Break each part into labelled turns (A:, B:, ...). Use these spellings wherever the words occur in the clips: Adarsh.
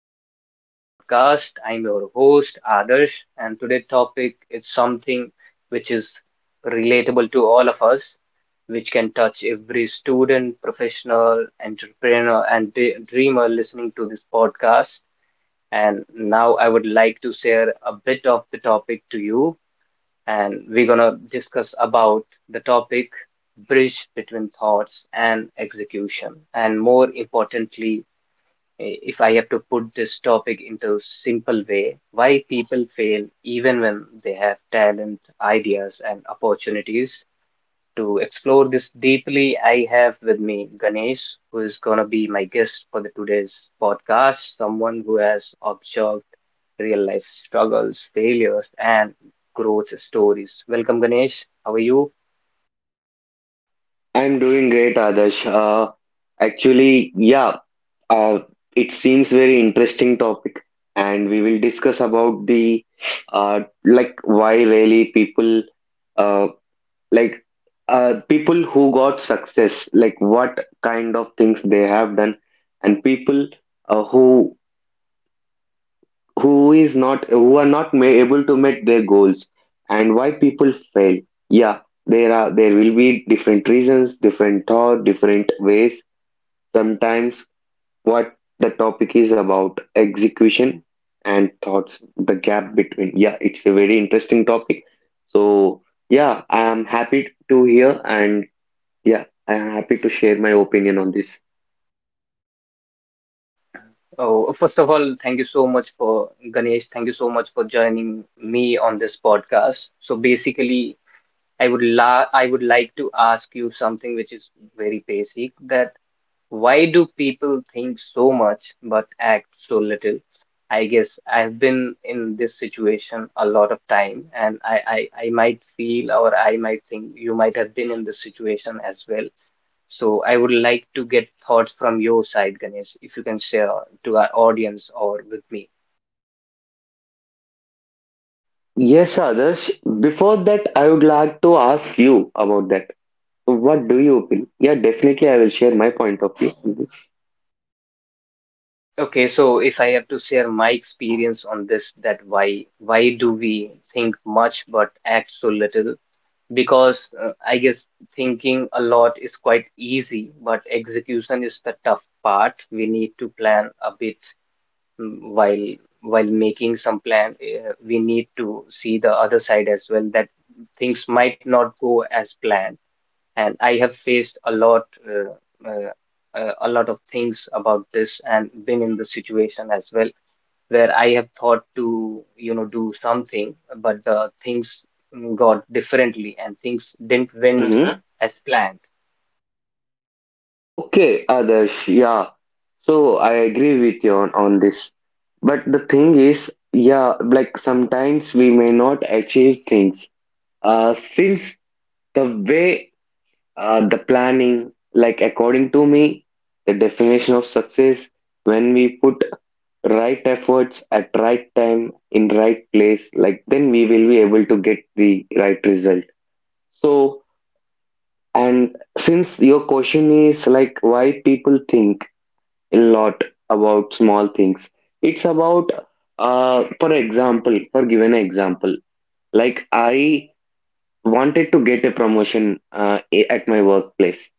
A: the today's podcast. I'm your host Adarsh, and today's topic is something which is relatable to all of us, which can touch every student, professional, entrepreneur, and dreamer listening to this podcast. And now I would like to share a bit of the topic to you, and we're gonna discuss about the topic bridge between thoughts and execution, and more importantly if I have to put this topic into a simple way, why people fail even when they have talent, ideas, and opportunities. To explore this deeply, I have with me Ganesh, who is gonna be my guest for the today's podcast, someone who has observed real life struggles, failures, and growth stories. Welcome, Ganesh. How are you?
B: I'm doing great, Adarsh. Actually, uh, it seems very interesting topic, and we will discuss about the why really people uh, like people who got success, like what kind of things they have done, and people uh, who who is not who are not ma able to meet their goals, and why people fail. Yeah, there will be different reasons, different thought, different ways. Sometimes what the topic is about execution and thoughts, the gap between. Yeah, it's a very interesting topic. So yeah, I am happy to hear, and yeah, I am happy to share my opinion on this.
A: Oh, first of all, thank you so much for Ganesh. Thank you so much for joining me on this podcast. So basically, I would like to ask you something which is very basic that why do people think so much but act so little? I guess I've been in this situation a lot of time and I might feel or I might think you might have been in this situation as well. So I would like to get thoughts from your side, Ganesh, if you can share to our audience or with me.
B: Yes, Adarsh. Before that, I would like to ask you about that. What do you feel? Yeah, definitely I will share my point of view on
A: Okay, so if I have to share my experience on this, that why do we think much but act so little? Because I guess thinking a lot is quite easy, but execution is the tough part. We need to plan a bit mm, while while making some plan. We need to see the other side as well that things might not go as planned, and I have faced uh, uh, a lot of things about this, and been in the situation as well where I have thought to, you know, do something, but the things got differently and things didn't went
B: this.
A: as planned.
B: Okay, Adarsh, yeah. So I agree with you on this. But the thing is, yeah, like sometimes we may not achieve things. Since the way, the planning, like according to me, the definition of success, when we put right efforts at right time in right place, like then we will be able to get the right result. So, and since your question is like why people think a lot about small things. It's about, for example, for given example, like I wanted to get a promotion a- at my workplace.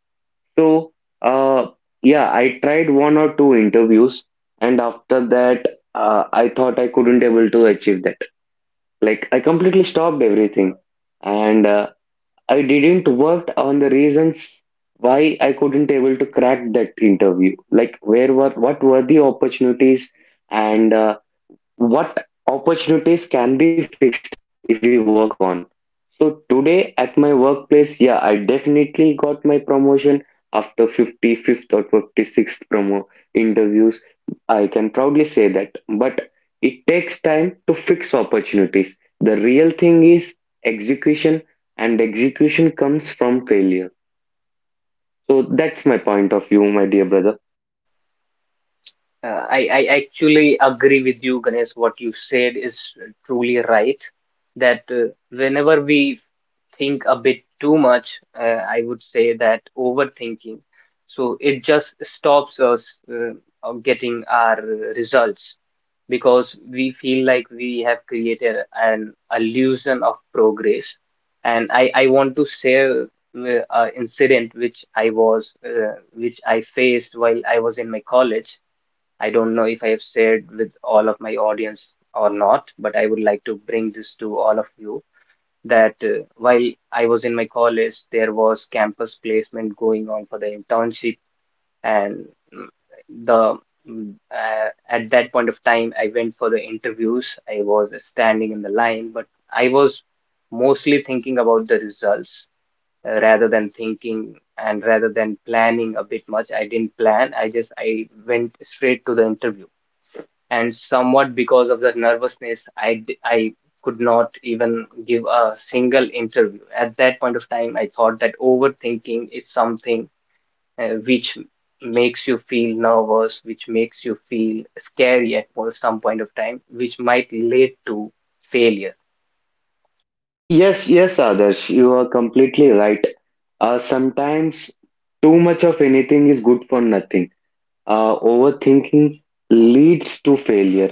B: So, uh, yeah, I tried one or two interviews, and after that, I thought I couldn't able to achieve that. Like I completely stopped everything, and I didn't work on the reasons why I couldn't able to crack that interview. Like where were what were the opportunities and what opportunities can be fixed if we work on. So today at my workplace, yeah, I definitely got my promotion after 55th or 56th promo interviews. I can proudly say that. But it takes time to fix opportunities. The real thing is execution, and execution comes from failure. So that's my point of view, my dear brother.
A: I actually agree with you, Ganesh. What you said is truly right. That whenever we think a bit too much, I would say that overthinking. So it just stops us of getting our results because we feel like we have created an illusion of progress. And I want to share an incident which I faced while I was in my college. I don't know if I have shared with all of my audience or not, but I would like to bring this to all of you that while I was in my college, there was campus placement going on for the internship, and mm, the at that point of time, I went for the interviews. I was standing in the line, but I was mostly thinking about the results rather than thinking and rather than planning a bit much. I didn't plan. I just I went straight to the interview, and somewhat because of the nervousness I could not even give a single interview at that point of time. I thought that overthinking is something which makes you feel nervous, which makes you feel scary at some point of time, which might lead to failure.
B: Yes, Adarsh, you are completely right. Sometimes too much of anything is good for nothing. Overthinking leads to failure.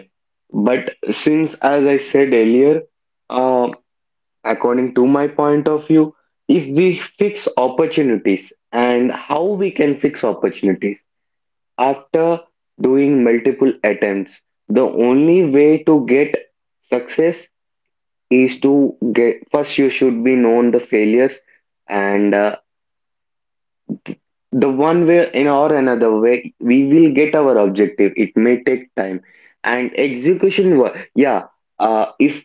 B: But since, as I said earlier, uh, according to my point of view, if we fix opportunities and how we can fix opportunities after doing multiple attempts, the only way to get success is to get first you should be known the failures, and the one way in or another way we will get our objective. It may take time, and execution if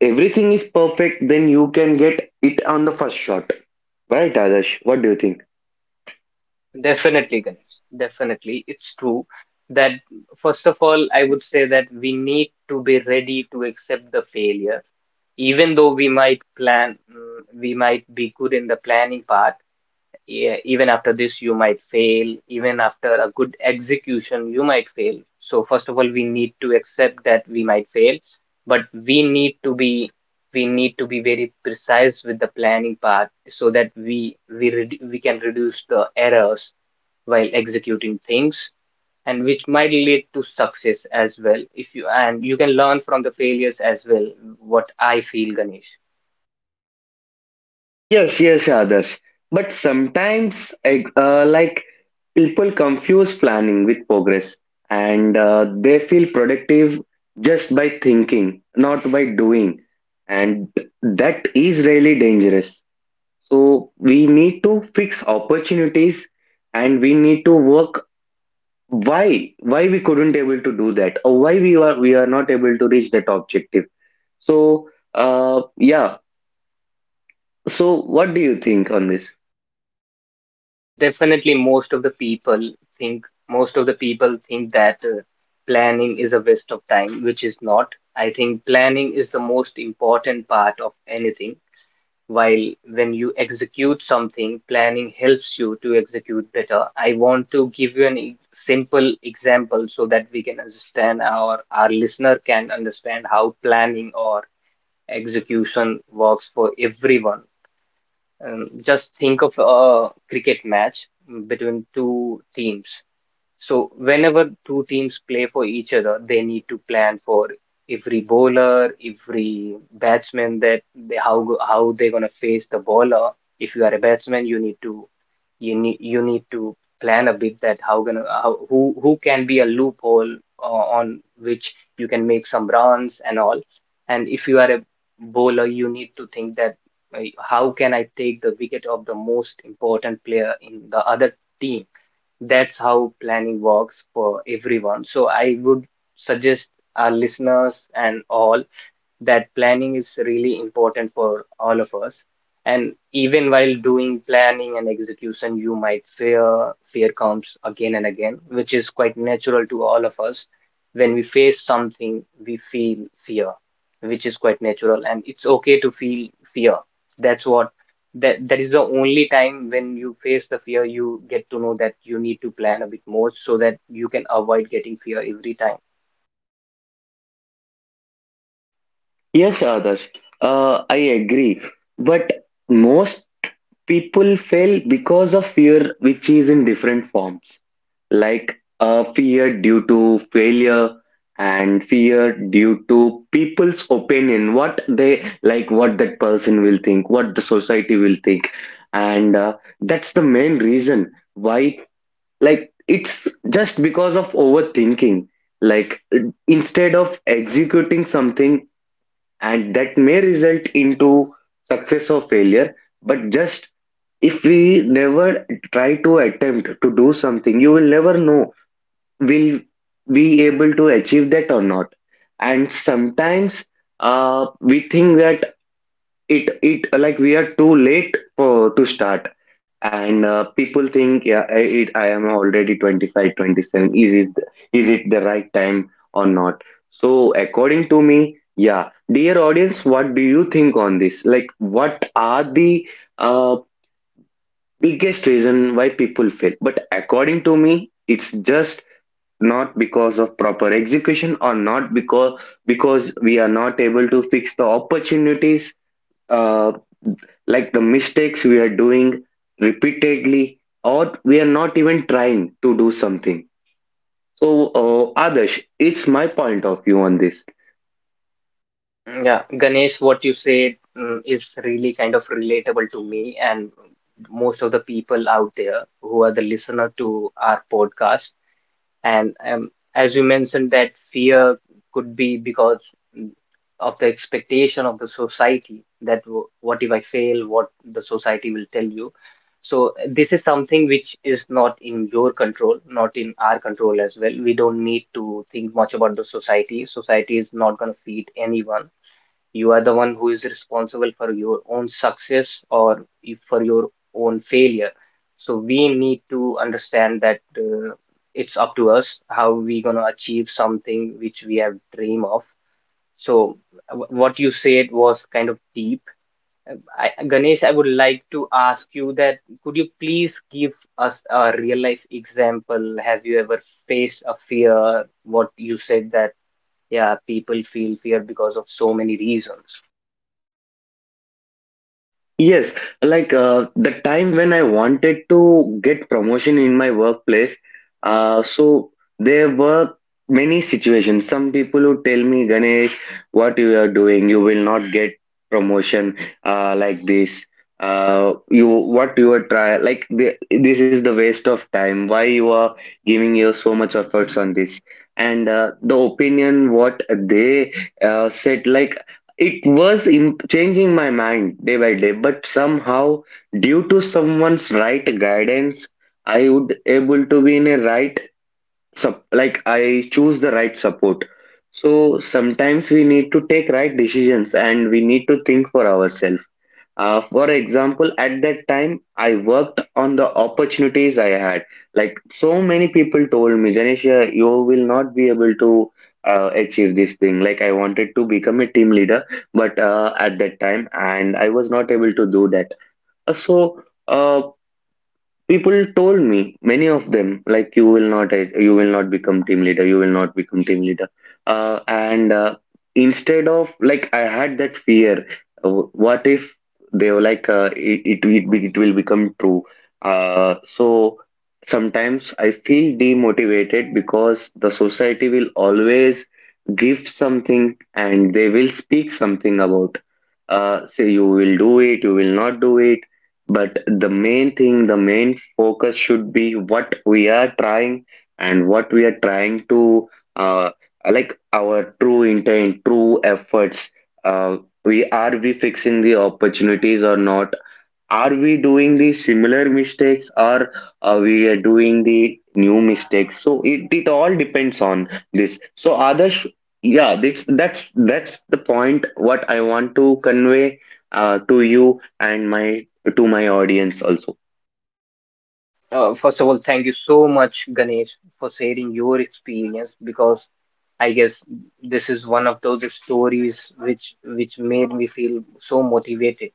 B: everything is perfect, then you can get it on the first shot, right, Adarsh? What do you think?
A: Definitely, Ganesh. Definitely. It's true that, first of all, I would say that we need to be ready to accept the failure. Even though we might plan, we might be good in the planning part, yeah, even after this, you might fail. Even after a good execution, you might fail. So, first of all, we need to accept that we might fail, but we need to be very precise with the planning part so that we can reduce the errors while executing things, and which might lead to success as well if you, and you can learn from the failures as well, what I feel, Ganesh.
B: Yes, yes, Adarsh, but sometimes like people confuse planning with progress, and they feel productive just by thinking, not by doing, and that is really dangerous. So we need to fix opportunities, and we need to work why we couldn't able to do that, or why we are not able to reach that objective. So yeah. So what do you think on this?
A: Yeah, definitely most of the people think think that planning is a waste of time, which is not. I think planning is the most important part of anything while when you execute something. Planning helps you to execute better. I want to give you an simple example so that we can understand our listener can understand how planning or execution works for everyone. Just think of a cricket match between two teams. So whenever two teams play for each other, they need to plan for every bowler, every batsman, that how they're gonna face the bowler. If you are a batsman, you need to plan a bit that who can be a loophole on which you can make some runs and all. And if you are a bowler, you need to think that how can I take the wicket of the most important player in the other team. That's how planning works for everyone. So I would suggest our listeners and all that planning is really important for all of us. And even while doing planning and execution, you might fear. Fear comes again and again, which is quite natural to all of us. When we face something, we feel fear, which is quite natural, and it's okay to feel fear. That's what that that is the only time when you face the fear, you get to know that you need to plan a bit more so that you can avoid getting fear every time.
B: Yes, Adarsh. I agree. But most people fail because of fear, which is in different forms, like fear due to failure and fear due to people's opinion, what they, like, what that person will think, what the society will think. And that's the main reason why, like, it's just because of overthinking, like instead of executing something, and that may result into success or failure. But just if we never try to attempt to do something, you will never know will we able to achieve that or not. And sometimes we think that it like we are too late for to start. And people think, yeah, I am already 25 27, is it the right time or not? So according to me, yeah, dear audience, what do you think on this, like what are the uh, biggest reason why people fail? But according to me, it's just not because of proper execution or not because because we are not able to fix the opportunities, uh, like the mistakes we are doing repeatedly, or we are not even trying to do something. So adesh, it's my point of view on this.
A: Yeah, Ganesh, what you said is really kind of relatable to me and most of the people out there who are the listener to our podcast. And as you mentioned, that fear could be because mm, of the expectation of the society, that what if I fail, what the society will tell you. So this is something which is not in your control, not in our control as well. We don't need to think much about the society. Society is not going to feed anyone. You are the one who is responsible for your own success or if for your own failure. So we need to understand that it's up to us how we gonna achieve something which we have dream of. So what you said was kind of deep. Ganesh, I would like to ask you that could you please give us a real life example? Have you ever faced a fear? What you said that, yeah, people feel fear because of so many reasons.
B: Yes, like the time when I wanted to get promotion in my workplace, so there were many situations. Some people who tell me, Ganesh, what you are doing, you will not get promotion, like this. You what you are try like the, this is the waste of time. Why you are giving your so much efforts on this? And the opinion what they said, like it was im changing my mind day by day, but somehow, due to someone's right guidance, I would able to be in a right sup like I choose the right support. So sometimes we need to take right decisions and we need to think for ourselves. For example, at that time, I worked on the opportunities I had. Like so many people told me, Janisha, you will not be able to achieve this thing. Like I wanted to become a team leader, but at that time, and I was not able to do that. So. Uh, people told me, many of them, like you will not become team leader, you will not become team leader. And instead of like, I had that fear. uh, What if they were like, it will become true? So sometimes I feel demotivated because the society will always give something and they will speak something about. Say you will do it, you will not do it. But the main thing, the main focus should be what we are trying, and what we are trying to uh, like, our true intent, true efforts. Uh, we are we fixing the opportunities or not? Are we doing the similar mistakes or are we are doing the new mistakes? So it all depends on this. So Adarsh, yeah, that's the point what I want to convey to you and my to my audience also.
A: First of all, thank you so much, Ganesh, for sharing your experience because I guess this is one of those stories which made me feel so motivated.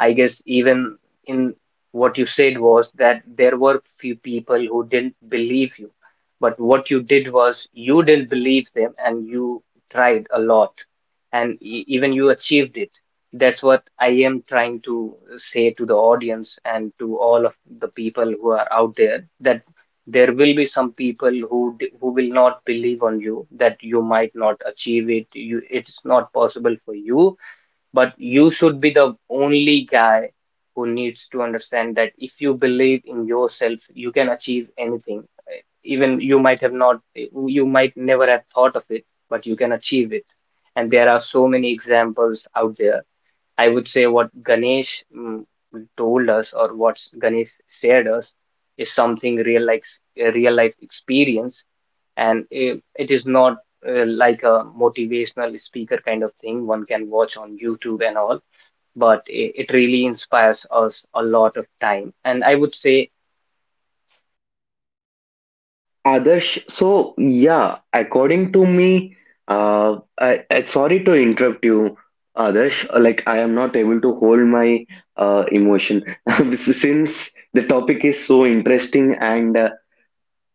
A: I guess even in what you said was that there were few people who didn't believe you, but what you did was you didn't believe them, and you tried a lot, and even you achieved it. That's what I am trying to say to the audience and to all of the people who are out there, that there will be some people who will not believe on you, that you might not achieve it, you, it's not possible for you, but you should be the only guy who needs to understand that if you believe in yourself, you can achieve anything. Even you might never have thought of it, but you can achieve it. And there are so many examples out there. I would say what Ganesh told us or what Ganesh shared us is something real life, a real life experience. And it is not like a motivational speaker kind of thing one can watch on YouTube and all, but it really inspires us a lot of time. And I would say
B: Adarsh, so yeah, according to me, I sorry to interrupt you, Adarsh. Like I am not able to hold my emotion since the topic is so interesting, and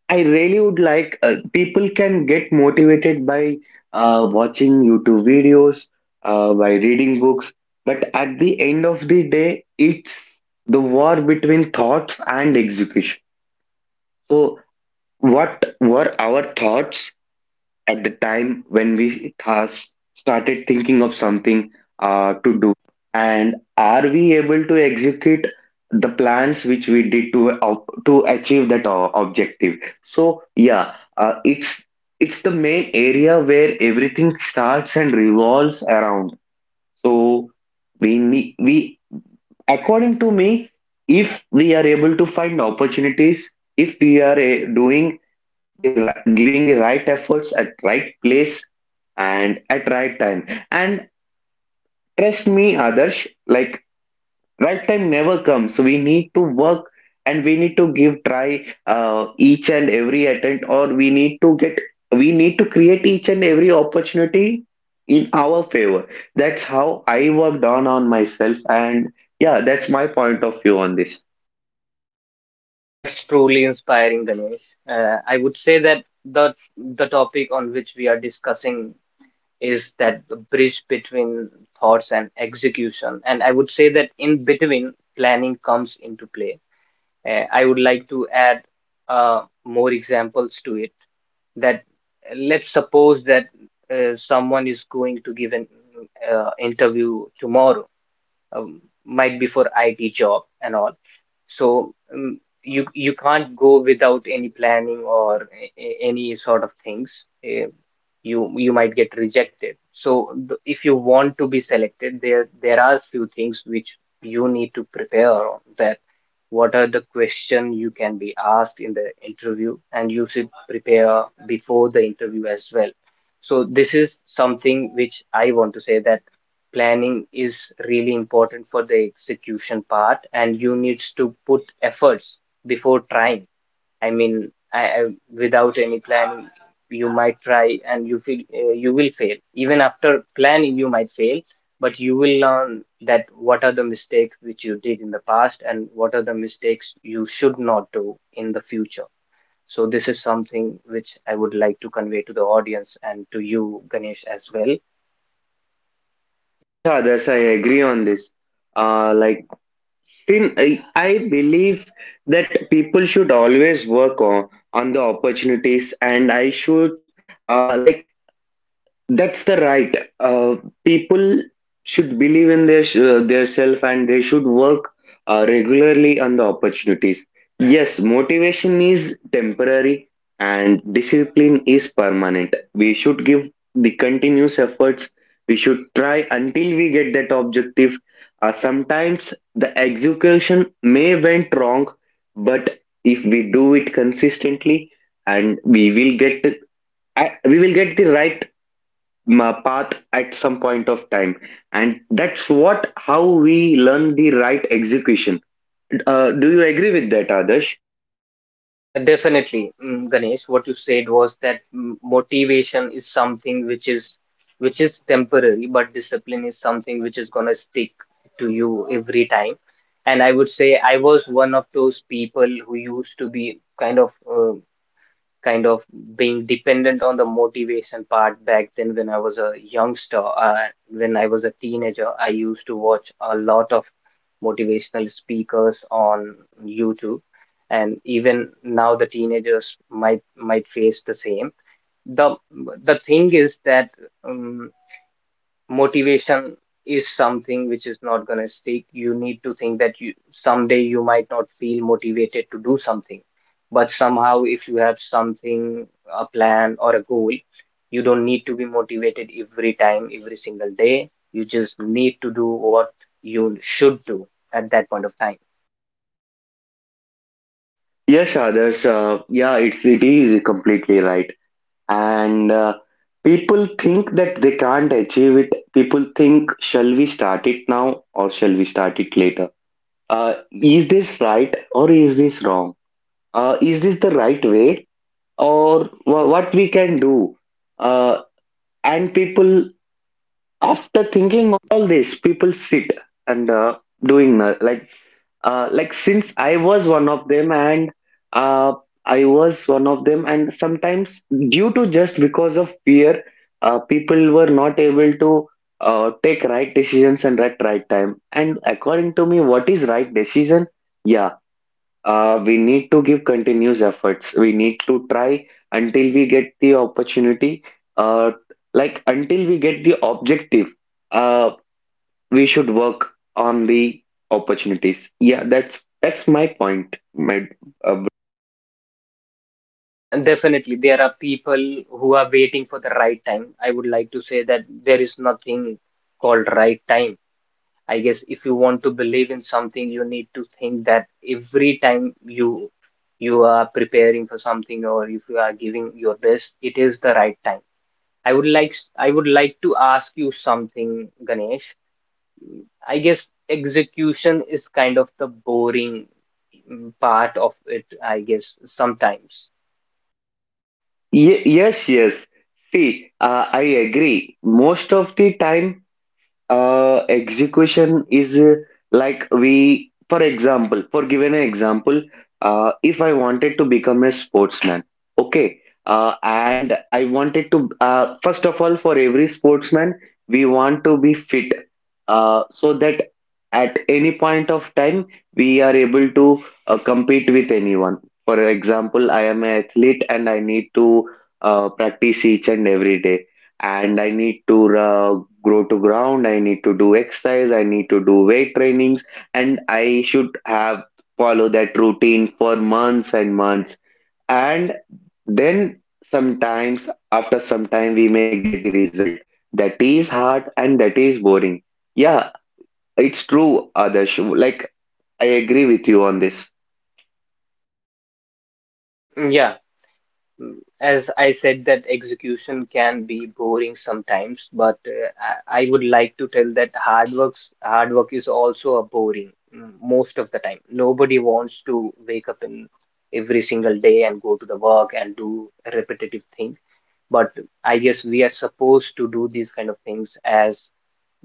B: I really would like people can get motivated by watching YouTube videos, by reading books, but at the end of the day, it's the war between thoughts and execution. So what were our thoughts at the time when we has started thinking of something to do, and are we able to execute the plans which we did to ob- to achieve that objective. So yeah, uh, it's it's the main area where everything starts and revolves around. So we need we, according to me, if we are able to find opportunities, if we are doing the ri- giving the right efforts at right place and at right time. And trust me, Adarsh, like right time never comes. So we need to work, and we need to give try each and every attempt, or we need to get we need to create each and every opportunity in our favor. That's how I worked on myself, and yeah, that's my point of view on this.
A: that's truly inspiring, Ganesh. I would say that the topic on which we are discussing is that the bridge between thoughts and execution. And I would say that in between, planning comes into play. I would like to add more examples to it. That let's suppose that someone is going to give an interview tomorrow, might be for IT job and all. So you can't go without any planning or any sort of things. You you might get rejected. So if you want to be selected, there are few things which you need to prepare on that, what are the questions you can be asked in the interview, and you should prepare before the interview as well. So this is something which I want to say, that planning is really important for the execution part, and you needs to put efforts before trying. I mean, I without any planning, you might try and you feel you will fail. Even after planning, you might fail, but you will learn that what are the mistakes which you did in the past, and what are the mistakes you should not do in the future. So this is something which I would like to convey to the audience and to you, Ganesh, as well.
B: Yes, Adarsh, I agree on this. Like Tin, I believe that people should always work on the opportunities, and I should like, that's the right. People should believe in their their self and they should work regularly on the opportunities. Yes, motivation is temporary and discipline is permanent. We should give the continuous efforts. We should try until we get that objective. Sometimes the execution may went wrong, but if we do it consistently, and we will get we will get the right ma- path at some point of time, and that's what how we learn the right execution. Do you agree with that, Adarsh?
A: Definitely, Ganesh, what you said was that motivation is something which is temporary, but discipline is something which is gonna stick to you every time. And I would say I was one of those people who used to be kind of being dependent on the motivation part back then when I was a youngster. When I was a teenager, I used to watch a lot of motivational speakers on YouTube, and even now the teenagers might face the same. The the thing is that um motivation is something which is not going to stick. You need to think that you someday you might not feel motivated to do something, but somehow if you have something, a plan or a goal, you don't need to be motivated every time, every single day. You just need to do what you should do at that point of time.
B: Yes, Adarsh, yeah, it's it is completely right. And people think that they can't achieve it. People think, shall we start it now or shall we start it later? uh, is this right or is this wrong? Is this the right way or what we can do? Uh, and people, after thinking all this, people sit and doing like like, since uh, I was one of them, and sometimes, due to just because of fear, people were not able to take right decisions and at right time. And according to me, what is right decision? Yeah, we need to give continuous efforts. We need to try until we get the opportunity, uh, like, until we get the objective. Uh, we should work on the opportunities. Yeah, that's my point. My, uh,
A: Yeah, definitely. There are people who are waiting for the right time. I would like to say that there is nothing called right time. I guess if you want to believe in something, you need to think that every time you are preparing for something, or if you are giving your best, it is the right time. I would like to ask you something, Ganesh. I guess execution is kind of the boring part of it, I guess sometimes.
B: ye- yes, yes. See, I agree. Most of the time, execution is like, we for example, for giving an example, if I wanted to become a sportsman, okay, and I wanted to first of all, for every sportsman, we want to be fit, so that at any point of time, we are able to compete with anyone. For example, I am an athlete, and I need to practice each and every day. And I need to grow to ground. I need to do exercise. I need to do weight trainings, and I should have follow that routine for months and months. And then sometimes, after some time, we may get the result that is hard and that is boring. Yeah, it's true, Adarsh. Like I agree with you on this.
A: Yeah. As I said, that execution can be boring sometimes, but I would like to tell that hard work is also a boring most of the time. Nobody wants to wake up in every single day and go to the work and do a repetitive thing. But I guess we are supposed to do these kind of things as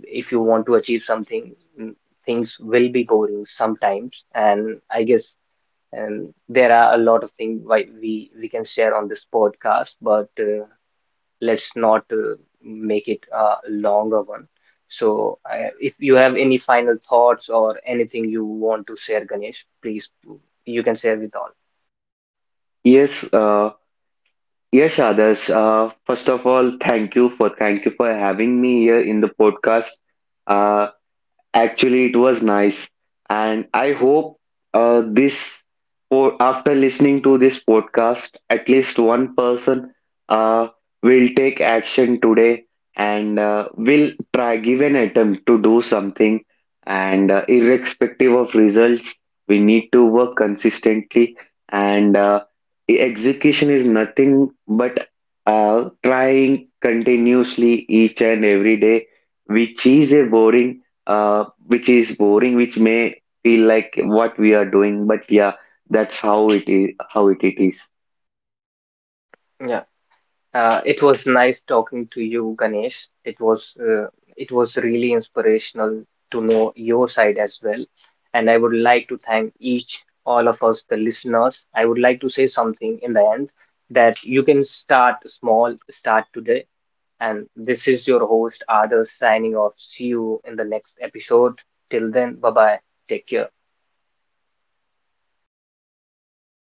A: if you want to achieve something, mm, things will be boring sometimes. And I guess and there are a lot of things why we can share on this podcast, but let's not make it a longer one. So, if you have any final thoughts or anything you want to share, Ganesh, please you can share with all.
B: Yes, yes, Adarsh. First of all, thank you for having me here in the podcast. Uh, Actually, it was nice, and I hope this after listening to this podcast, at least one person uh, will take action today, and will try give an attempt to do something. And irrespective of results, we need to work consistently. And execution is nothing but trying continuously each and every day, which is a boring. uh, which is boring, which may feel like what we are doing, but yeah, that's how it is.
A: Yeah. It was nice talking to you, Ganesh. It was really inspirational to know your side as well. And I would like to thank each all of us, the listeners. I would like to say something in the end that you can start small, start today. And this is your host, Adarsh, signing off. See you in the next episode. Till then, bye bye. Take care.